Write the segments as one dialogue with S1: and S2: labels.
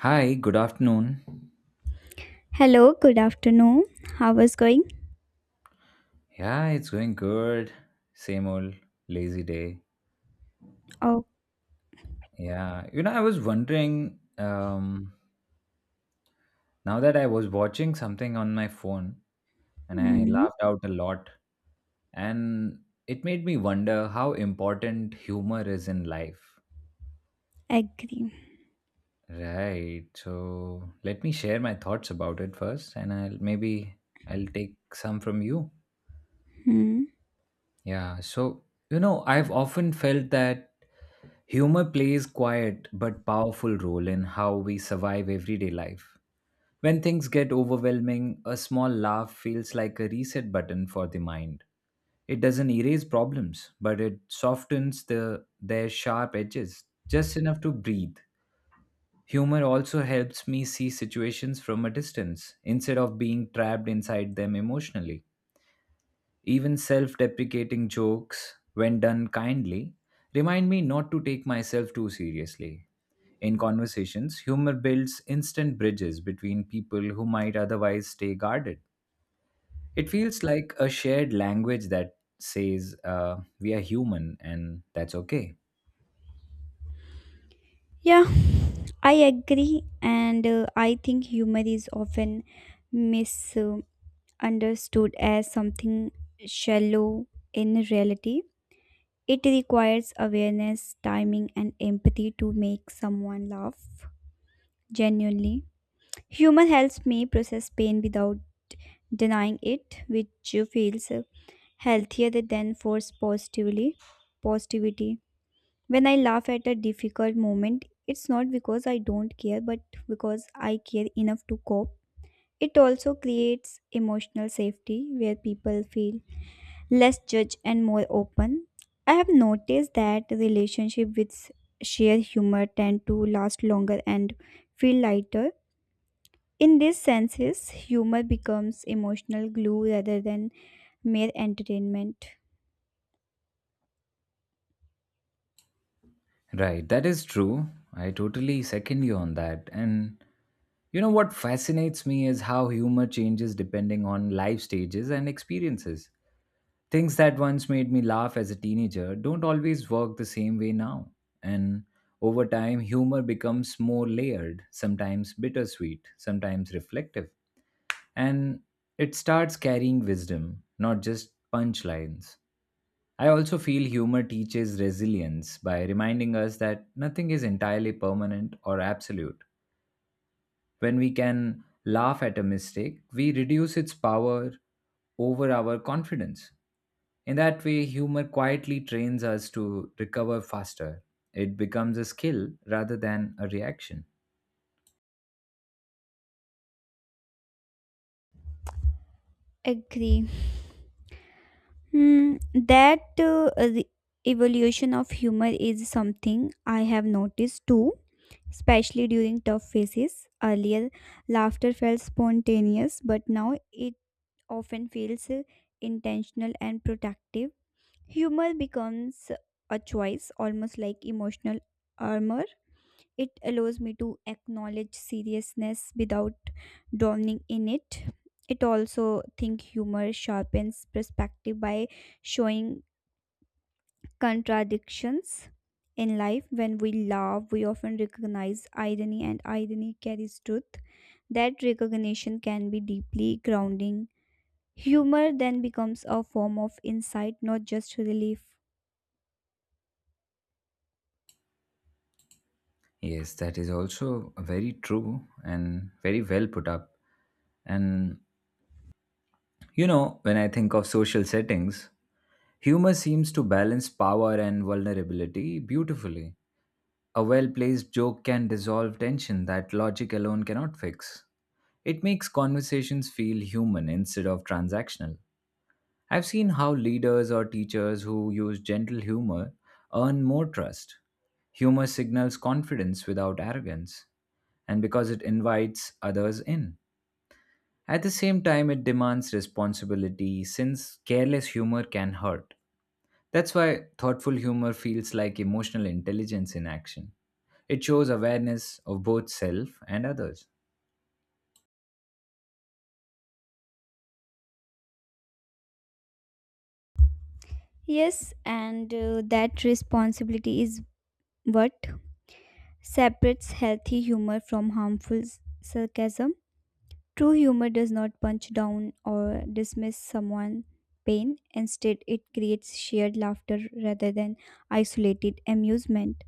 S1: Hi, good afternoon.
S2: Hello, good afternoon. How was going?
S1: Yeah, it's going good. Same old lazy day.
S2: Oh,
S1: Yeah, you know, I was wondering now that I was watching something on my phone and I
S2: mm,
S1: laughed out a lot, and it made me wonder how important humor is in life.
S2: agree.
S1: Right. So let me share my thoughts about it first, and I'll maybe I'll take some from you.
S2: Hmm.
S1: Yeah, so you know, I've often felt that humor plays quiet but powerful role in how we survive everyday life. When things get overwhelming, a small laugh feels like a reset button for the mind. It doesn't erase problems, but it softens the their sharp edges just enough to breathe. Humor also helps me see situations from a distance instead of being trapped inside them emotionally. Even self deprecating jokes, when done kindly, remind me not to take myself too seriously. In conversations, humor builds instant bridges between people who might otherwise stay guarded. It feels like a shared language that says we are human and that's okay.
S2: Yeah, I agree, and I think humor is often misunderstood as something shallow in reality. It requires awareness, timing, and empathy to make someone laugh genuinely. Humor helps me process pain without denying it, which feels healthier they then force positively positivity. When I laugh at a difficult moment, it's not because I don't care but because I care enough to cope. It also creates emotional safety where people feel less judged and more open. I have noticed that relationship with shared humor tend to last longer and feel lighter. In these senses humor becomes emotional glue rather than mere entertainment.
S1: Right, that is true. I totally second you on that. And you know what fascinates me is how humor changes depending on life stages and experiences. Things that once made me laugh as a teenager don't always work the same way now. And over time, humor becomes more layered, sometimes bittersweet, sometimes reflective. And it starts carrying wisdom, not just punchlines. I also feel humor teaches resilience by reminding us that nothing is entirely permanent or absolute. When we can laugh at a mistake, we reduce its power over our confidence. In that way, humor quietly trains us to recover faster. It becomes a skill rather than a reaction.
S2: Agree. Hmm, that the evolution of humor is something I have noticed too, especially during tough phases. Earlier, laughter felt spontaneous, but now it often feels intentional and protective. Humor becomes a choice, almost like emotional armor. It allows me to acknowledge seriousness without drowning in it. It also think humor sharpens perspective by showing contradictions in life. When we love, we often recognize irony, and irony carries truth. That recognition can be deeply grounding. Humor then becomes a form of insight, not just relief.
S1: Yes, that is also very true and very well put up. And you know, when I think of social settings, humor seems to balance power and vulnerability beautifully. A well placed joke can dissolve tension that logic alone cannot fix. It makes conversations feel human instead of transactional. I've seen how leaders or teachers who use gentle humor earn more trust. Humor signals confidence without arrogance, and because it invites others in. At the same time, it demands responsibility since careless humor can hurt. That's why thoughtful humor feels like emotional intelligence in action. It shows awareness of both self and others.
S2: Yes, and that responsibility is what separates healthy humor from harmful sarcasm. True humor does not punch down or dismiss someone's pain. Instead, it creates shared laughter rather than isolated amusement.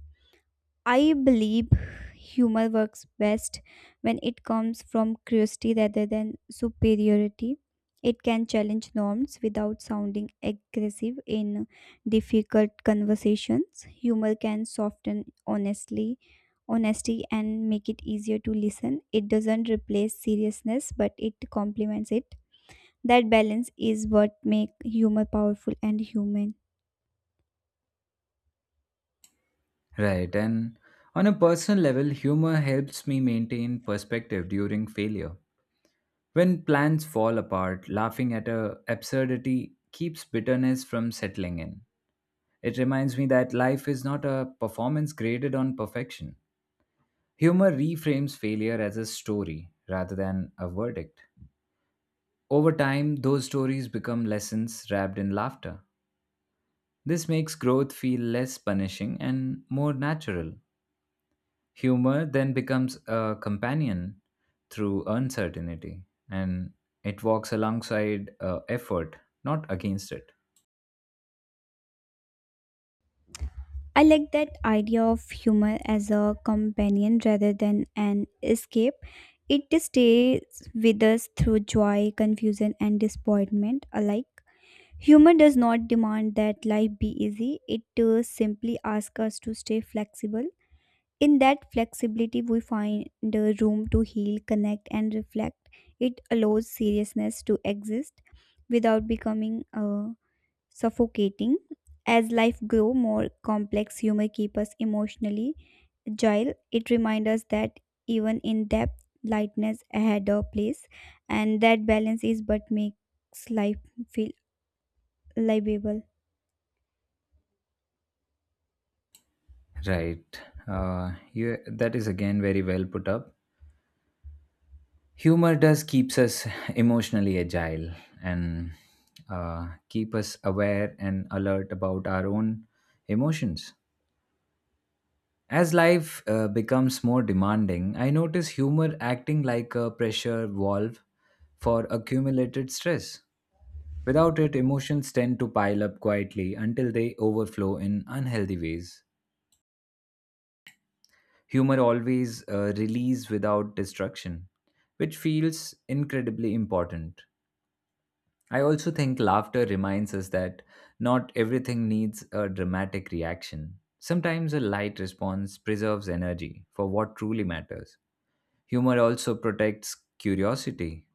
S2: I believe humor works best when it comes from curiosity rather than superiority. It can challenge norms without sounding aggressive in difficult conversations. Humor can soften honestly honesty and make it easier to listen. It doesn't replace seriousness, but it complements it. That balance is what makes humor powerful and human.
S1: Right, and on a personal level, humor helps me maintain perspective during failure. When plans fall apart, laughing at a absurdity keeps bitterness from settling in. It reminds me that life is not a performance graded on perfection. Humor reframes failure as a story rather than a verdict. Over time, those stories become lessons wrapped in laughter. This makes growth feel less punishing and more natural. Humor then becomes a companion through uncertainty and it walks alongside effort, not against it.
S2: I like that idea of humor as a companion rather than an escape. It stays with us through joy, confusion, and disappointment alike. Humor does not demand that life be easy, it simply asks us to stay flexible. In that flexibility, we find the room to heal, connect, and reflect. It allows seriousness to exist without becoming suffocating. As life grow more complex, humor keep us emotionally agile. It reminds us that even in depth, lightness had a place, and that balance is what makes life feel livable.
S1: Right. That is again very well put up. Humor does keeps us emotionally agile and keep us aware and alert about our own emotions. As life becomes more demanding, I notice humor acting like a pressure valve for accumulated stress. Without it, emotions tend to pile up quietly until they overflow in unhealthy ways. Humor always release without destruction, which feels incredibly important. I also think laughter reminds us that not everything needs a dramatic reaction. Sometimes a light response preserves energy for what truly matters. Humor also protects curiosity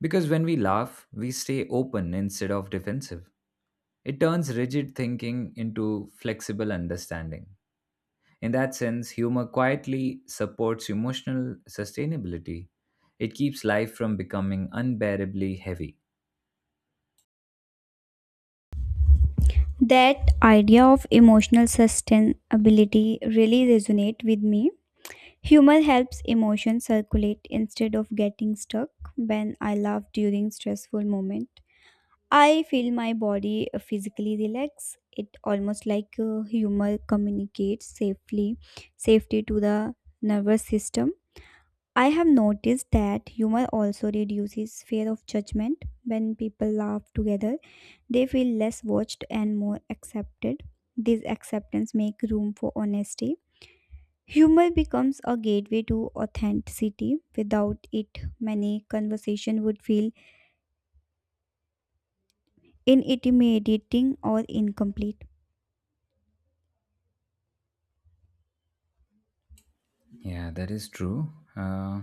S1: because when we laugh, we stay open instead of defensive. It turns rigid thinking into flexible understanding. In that sense, humor quietly supports emotional sustainability. It keeps life from becoming unbearably heavy.
S2: That idea of emotional sustainability really resonate with me. Humor helps emotions circulate instead of getting stuck. When I laugh during stressful moment, I feel my body physically relax. It almost like humor communicates safety to the nervous system. I have noticed that humor also reduces fear of judgment. When people laugh together, they feel less watched and more accepted. This acceptance makes room for honesty. Humor becomes a gateway to authenticity. Without it, many conversation would feel intimidating or incomplete.
S1: Yeah, that is true. Uh,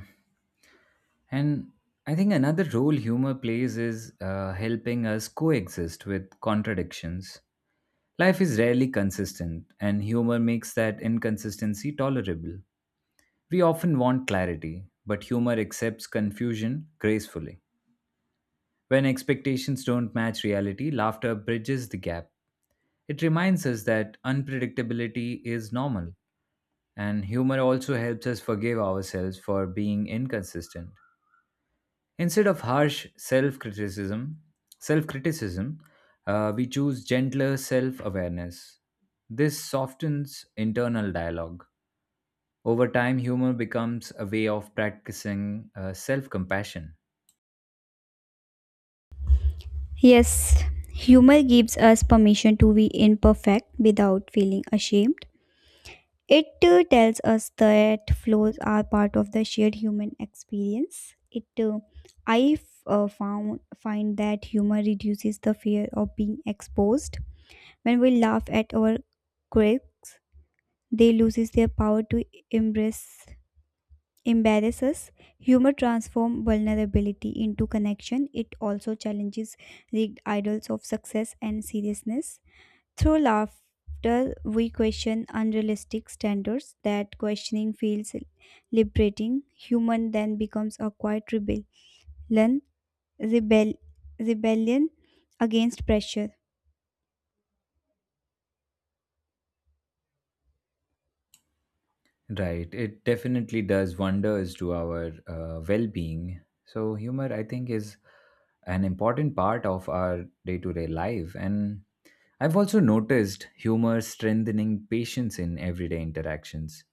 S1: and I think another role humor plays is helping us coexist with contradictions. Life is rarely consistent, and humor makes that inconsistency tolerable. We often want clarity, but humor accepts confusion gracefully. When expectations don't match reality, laughter bridges the gap. It reminds us that unpredictability is normal, and humor also helps us forgive ourselves for being inconsistent. Instead of harsh self-criticism, we choose gentler self-awareness. This softens internal dialogue. Over time, humor becomes a way of practicing self-compassion.
S2: Yes, humor gives us permission to be imperfect without feeling ashamed. It tells us that flaws are part of the shared human experience. It, I f- found Find that humor reduces the fear of being exposed. When we laugh at our quirks, they loses their power to embrace embarrasses. Humor transforms vulnerability into connection. It also challenges rigged idols of success and seriousness. Through laughter we question unrealistic standards. That questioning feels liberating. Human then becomes a quiet rebel, rebellion against pressure.
S1: Right. It definitely does wonders to our well being. So, humor, I think, is an important part of our day to day life. And I've also noticed humor strengthening patience in everyday interactions.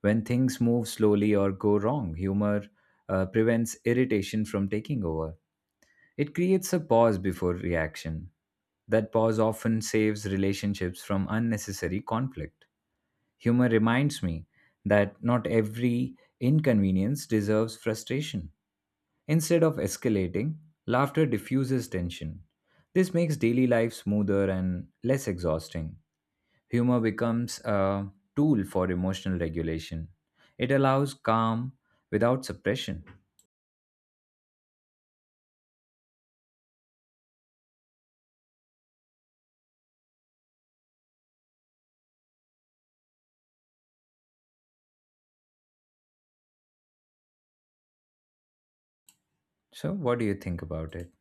S1: When things move slowly or go wrong, humor prevents irritation from taking over. It creates a pause before reaction. That pause often saves relationships from unnecessary conflict. Humor reminds me that not every inconvenience deserves frustration. Instead of escalating, laughter diffuses tension. This makes daily life smoother and less exhausting. Humor becomes a tool for emotional regulation. It allows calm without suppression. So, what do you think about it?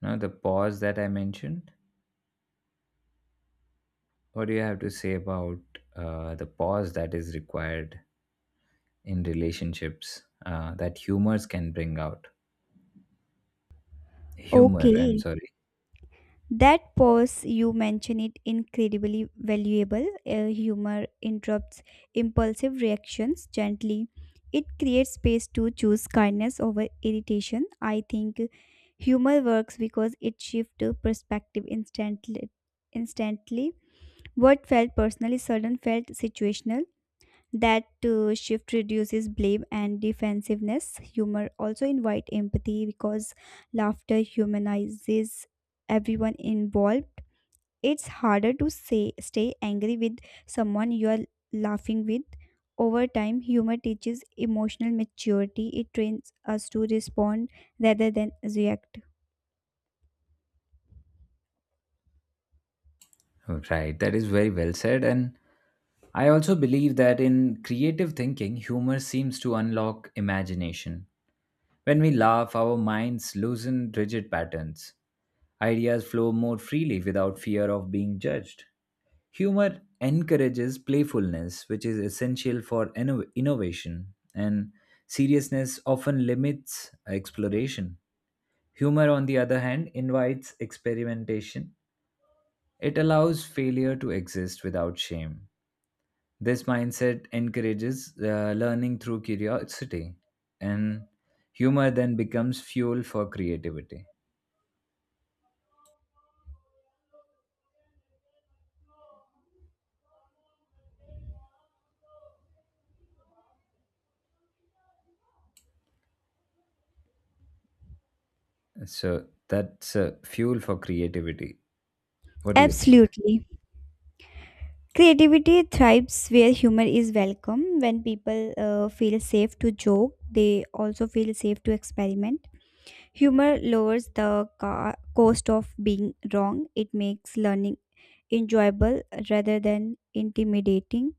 S1: Now, the pause that I mentioned, what do you have to say about the pause that is required in relationships that humors can bring out. Humor, I'm
S2: Okay.
S1: sorry.
S2: That pause you mention it incredibly valuable. Humor interrupts impulsive reactions gently. It creates space to choose kindness over irritation. I think humor works because it shifts perspective instantly. What felt personally sudden felt situational. That shift reduces blame and defensiveness. Humor also invite empathy because laughter humanizes everyone involved. It's harder to say, stay angry with someone you are laughing with. Over time, humor teaches emotional maturity. It trains us to respond rather than react.
S1: Right, that is very well said. And I also believe that in creative thinking, humor seems to unlock imagination. When we laugh, our minds loosen rigid patterns. Ideas flow more freely without fear of being judged. Humor encourages playfulness, which is essential for innovation, and seriousness often limits exploration. Humor, on the other hand, invites experimentation. It allows failure to exist without shame. This mindset encourages learning through curiosity, and humor then becomes fuel for creativity. So that's fuel for creativity. What do you think?
S2: Absolutely. Creativity thrives where humor is welcome. When people feel safe to joke, they also feel safe to experiment. Humor lowers the cost of being wrong. It makes learning enjoyable rather than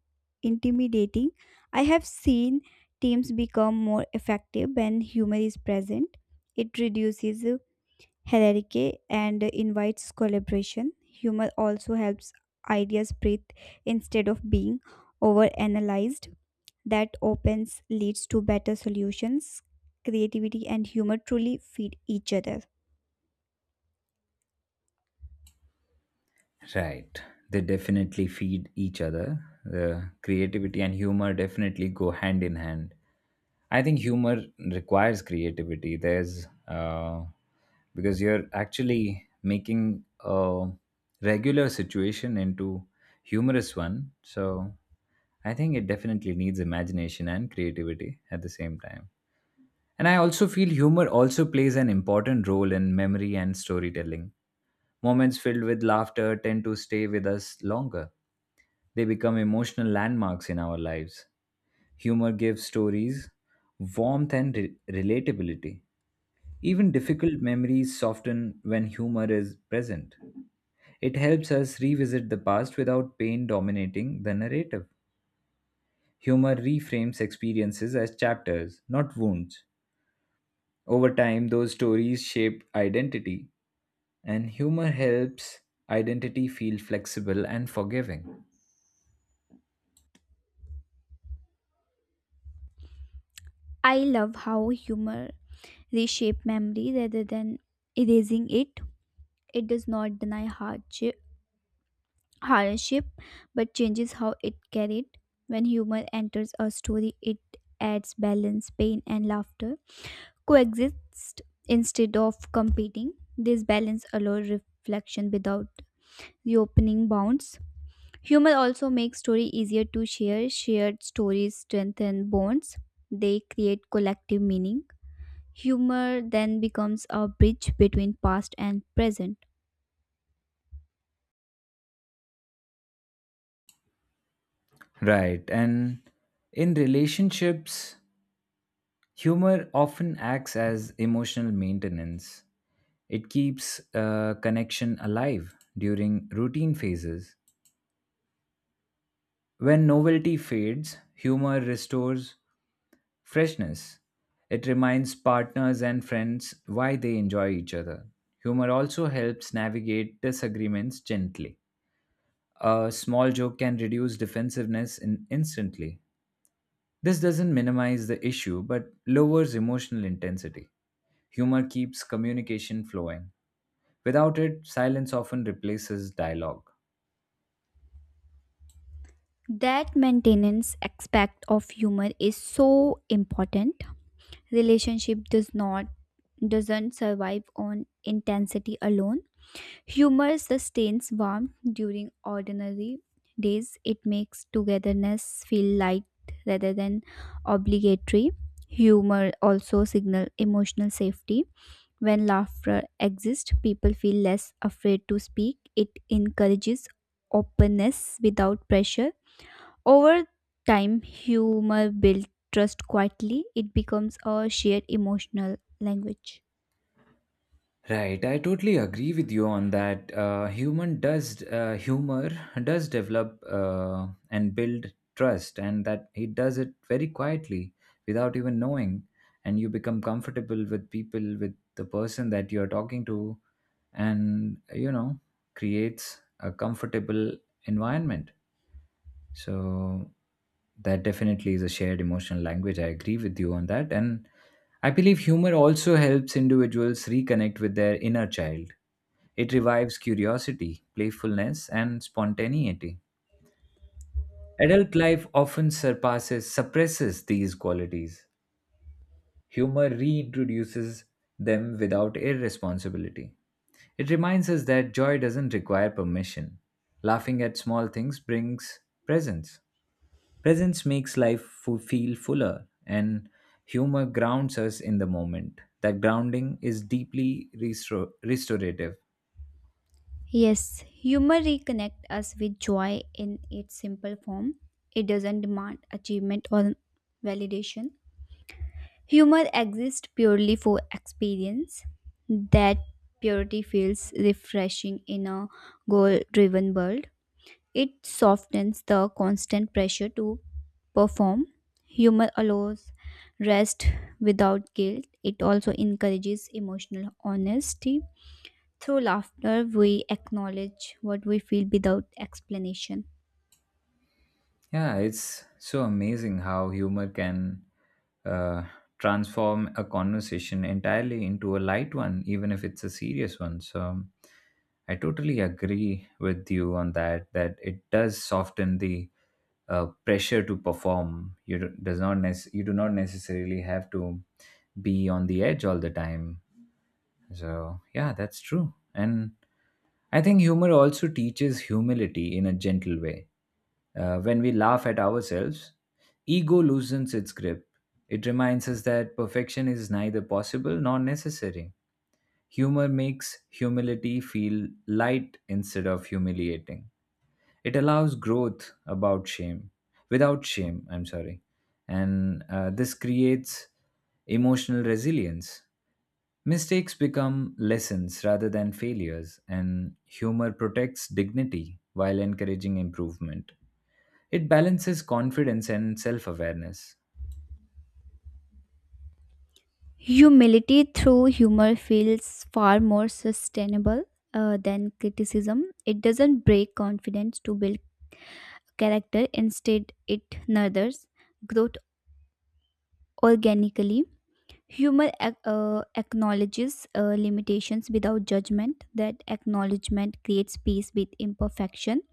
S2: intimidating. I have seen teams become more effective when humor is present. It reduces hierarchy and invites collaboration. Humor also helps ideas breathe instead of being overanalyzed. That opens leads to better solutions. Creativity and humor truly feed each other.
S1: Right. They definitely feed each other. The creativity and humor definitely go hand in hand. I think humor requires creativity. There's because you're actually making a regular situation into humorous one. So I think it definitely needs imagination and creativity at the same time. And I also feel humor also plays an important role in memory and storytelling. Moments filled with laughter tend to stay with us longer. They become emotional landmarks in our lives. Humor gives stories warmth and relatability. Even difficult memories soften when humor is present. It helps us revisit the past without pain dominating the narrative. Humor reframes experiences as chapters, not wounds. Over time, those stories shape identity, and humor helps identity feel flexible and forgiving.
S2: I love how humor reshape memory rather than erasing it. It does not deny hardship, but changes how it carried. When humor enters a story, it adds balance, pain, and laughter coexist instead of competing. This balance allows reflection without reopening bounds. Humor also makes story easier to share. Shared stories strengthen bonds. They create collective meaning. Humor then becomes a bridge between past and present.
S1: Right. And in relationships, humor often acts as emotional maintenance. It keeps a connection alive during routine phases. When novelty fades, humor restores freshness. It reminds partners and friends why they enjoy each other. Humor also helps navigate disagreements gently. A small joke can reduce defensiveness in instantly. This doesn't minimize the issue but lowers emotional intensity. Humor keeps communication flowing. Without it, silence often replaces dialogue.
S2: That maintenance aspect of humor is so important. Relationship doesn't survive on intensity alone. Humor sustains warmth during ordinary days. It makes togetherness feel light rather than obligatory. Humor also signal emotional safety. When laughter exists, people feel less afraid to speak. It encourages openness without pressure. Over time, humor builds trust quietly, it becomes a shared emotional language.
S1: Right, I totally agree with you on that. Human does humor does develop and build trust, and that he does it very quietly without even knowing, and you become comfortable with people with the person that you're talking to, and you know creates a comfortable environment. So that definitely is a shared emotional language. I agree with you on that. And I believe humor also helps individuals reconnect with their inner child. It revives curiosity, playfulness, and spontaneity. Adult life often surpasses, suppresses these qualities. Humor reintroduces them without irresponsibility. It reminds us that joy doesn't require permission. Laughing at small things brings presence. Presence makes life feel fuller, and humor grounds us in the moment. That grounding is deeply restorative.
S2: Yes, humor reconnects us with joy in its simple form. It doesn't demand achievement or validation. Humor exists purely for experience. That purity feels refreshing in a goal driven world. It softens the constant pressure to perform. Humor allows rest without guilt. It also encourages emotional honesty. Through laughter, we acknowledge what we feel without explanation.
S1: Yeah, it's so amazing how humor can uh, transform a conversation entirely into a light one, even if it's a serious one. So I totally agree with you on that, that it does soften the pressure to perform. Does not nec- you do not necessarily have to be on the edge all the time. So yeah, that's true. And I think humor also teaches humility in a gentle way when we laugh at ourselves, ego loosens its grip. It reminds us that perfection is neither possible nor necessary. Humor makes humility feel light instead of humiliating. It allows growth about shame, without shame, I'm sorry. And this creates emotional resilience. Mistakes become lessons rather than failures, and humor protects dignity while encouraging improvement. It balances confidence and self awareness.
S2: Humility through humor feels far more sustainable than criticism. It doesn't break confidence to build character, instead, it nurtures growth organically. Humor acknowledges limitations without judgment. That acknowledgement creates peace with imperfection.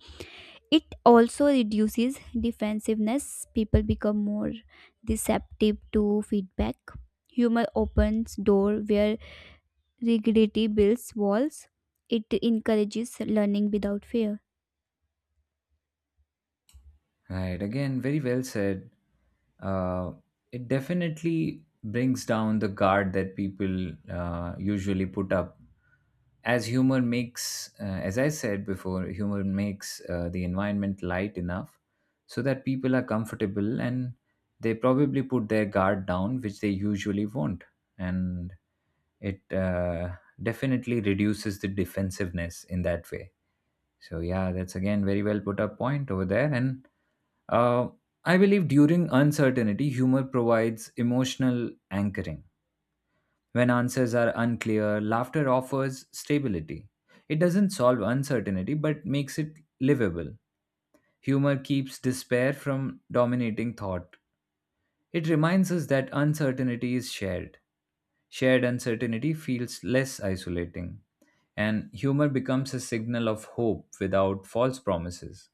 S2: It also reduces defensiveness. People become more receptive to feedback. Humor opens door where rigidity builds walls. It encourages learning without fear.
S1: Right, again, very well said. Uh, it definitely brings down the guard that people usually put up. As humor makes, as I said before, humor makes the environment light enough so that people are comfortable and they probably put their guard down, which they usually won't. And it definitely reduces the defensiveness in that way. So yeah, that's again very well put up point over there. And uh, I believe during uncertainty, humor provides emotional anchoring. When answers are unclear, laughter offers stability. It doesn't solve uncertainty, but makes it livable. Humor keeps despair from dominating thought. It reminds us that uncertainty is shared. Shared uncertainty feels less isolating, and humor becomes a signal of hope without false promises.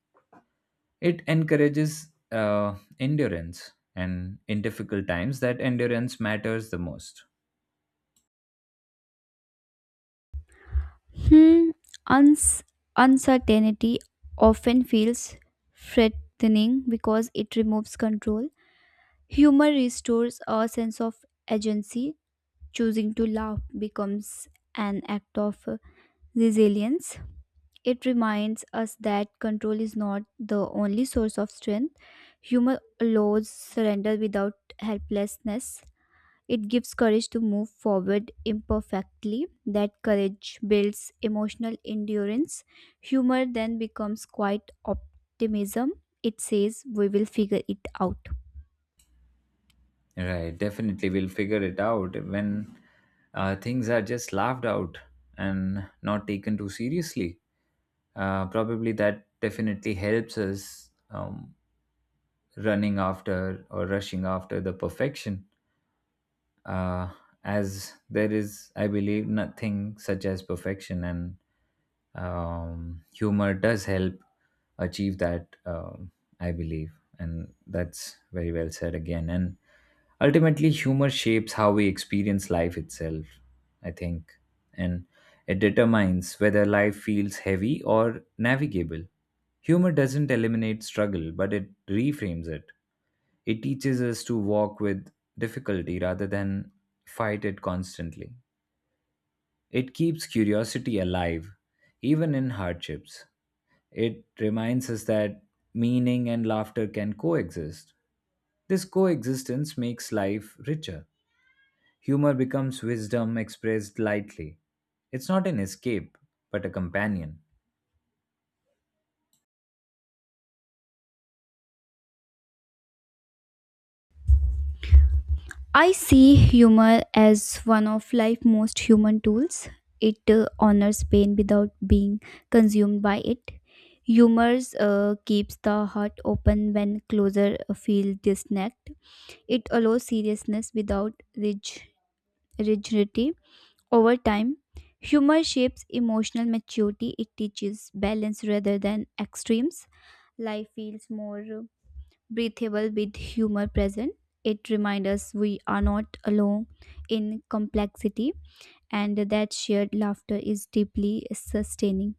S1: It encourages endurance, and in difficult times, that endurance matters the most.
S2: Hmm. Uns- Uncertainty often feels threatening because it removes control. Humor restores a sense of agency. Choosing to laugh becomes an act of resilience. It reminds us that control is not the only source of strength. Humor allows surrender without helplessness. It gives courage to move forward imperfectly. That courage builds emotional endurance. Humor then becomes quite optimism. It says we will figure it out.
S1: Right, definitely, we'll figure it out when things are just laughed out and not taken too seriously. Probably that definitely helps us running after or rushing after the perfection, uh, as there is, I believe, nothing such as perfection, and humor does help achieve that I believe. And that's very well said again. And ultimately humor shapes how we experience life itself, I think. And it determines whether life feels heavy or navigable. Humor doesn't eliminate struggle, but it reframes it. It teaches us to walk with difficulty rather than fight it constantly. It keeps curiosity alive, even in hardships. It reminds us that meaning and laughter can coexist. This coexistence makes life richer. Humor becomes wisdom expressed lightly. It's not an escape, but a companion.
S2: I see humor as one of life's most human tools. It honors pain without being consumed by it. Humor keeps the heart open when closer feel disconnect. It allows seriousness without rigidity. Over time, humor shapes emotional maturity. It teaches balance rather than extremes. Life feels more breathable with humor present. It reminds us we are not alone in complexity and that shared laughter is deeply sustaining.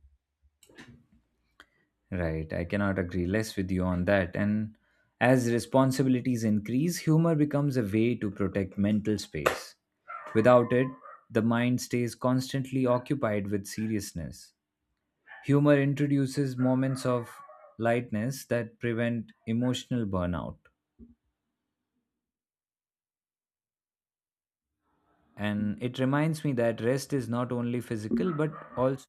S1: Right, I cannot agree less with you on that. And as responsibilities increase, humor becomes a way to protect mental space. Without it, the mind stays constantly occupied with seriousness. Humor introduces moments of lightness that prevent emotional burnout. And it reminds me that rest is not only physical but also.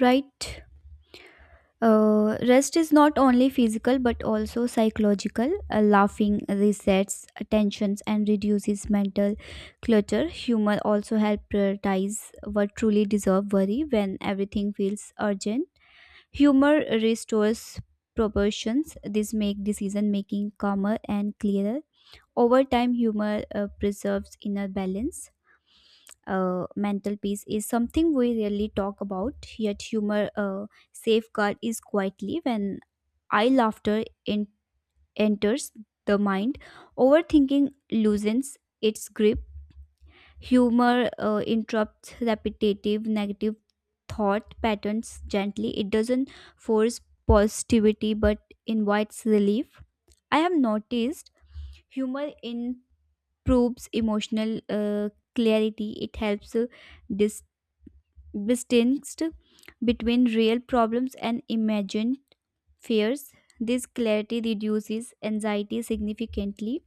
S2: Right? Rest is not only physical but also psychological. Laughing resets tensions and reduces mental clutter. Humor also helps prioritize what truly deserves worry when everything feels urgent. Humor restores proportions. This make decision making calmer and clearer. Over time, humor preserves inner balance. Mental peace is something we rarely talk about. Yet, humor safeguard is quietly when eye laughter enters the mind. Overthinking loosens its grip. Humor interrupts repetitive negative thought patterns gently. It doesn't force positivity but invites relief. I have noticed humor improves emotional clarity. It helps dis- distinguish between real problems and imagined fears. This clarity reduces anxiety significantly.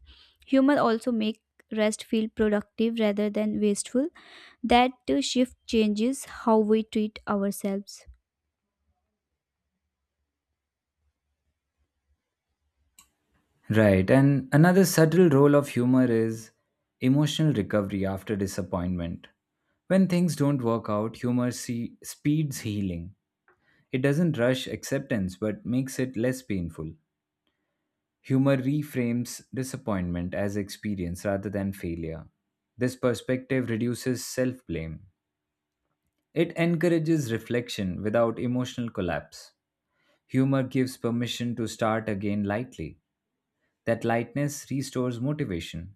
S2: Humor also make rest feel productive rather than wasteful. That shift changes how we treat ourselves.
S1: Right. And another subtle role of humor is emotional recovery after disappointment. When things don't work out, humor speeds healing. It doesn't rush acceptance but makes it less painful. Humor reframes disappointment as experience rather than failure. This perspective reduces self blame. It encourages reflection without emotional collapse. Humor gives permission to start again lightly. That lightness restores motivation.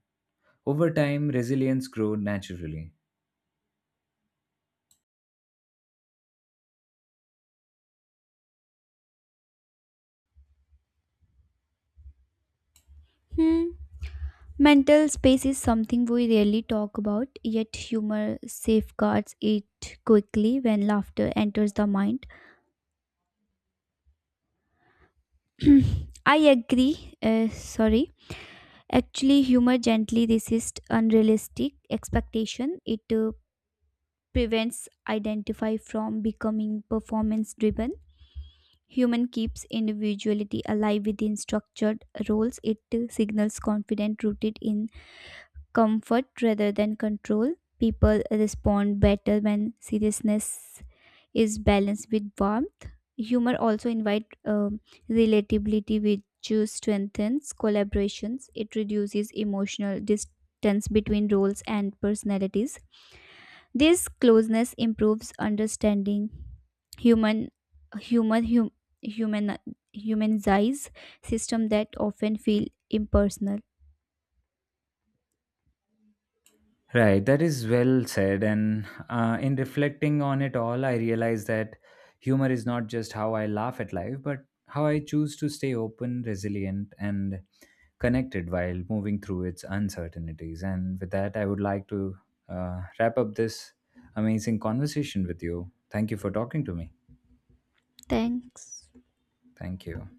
S1: Over time, resilience grows naturally.
S2: Hmm. Mental space is something we rarely talk about, yet humor safeguards it quickly when laughter enters the mind. I agree. Sorry. Actually, humor gently resists unrealistic expectation. It prevents identify from becoming performance driven. Human keeps individuality alive within structured roles. It signals confident rooted in comfort rather than control. People respond better when seriousness is balanced with warmth. Humor also invite relatability which strengthens collaborations. It reduces emotional distance between roles and personalities. This closeness improves understanding. Human human hum, human humanize system that often feel impersonal.
S1: Right, that is well said. And in reflecting on it all, I realize that humor is not just how I laugh at life, but how I choose to stay open, resilient, and connected while moving through its uncertainties. And with that, I would like to wrap up this amazing conversation with you. Thank you for talking to me.
S2: Thanks.
S1: Thank you.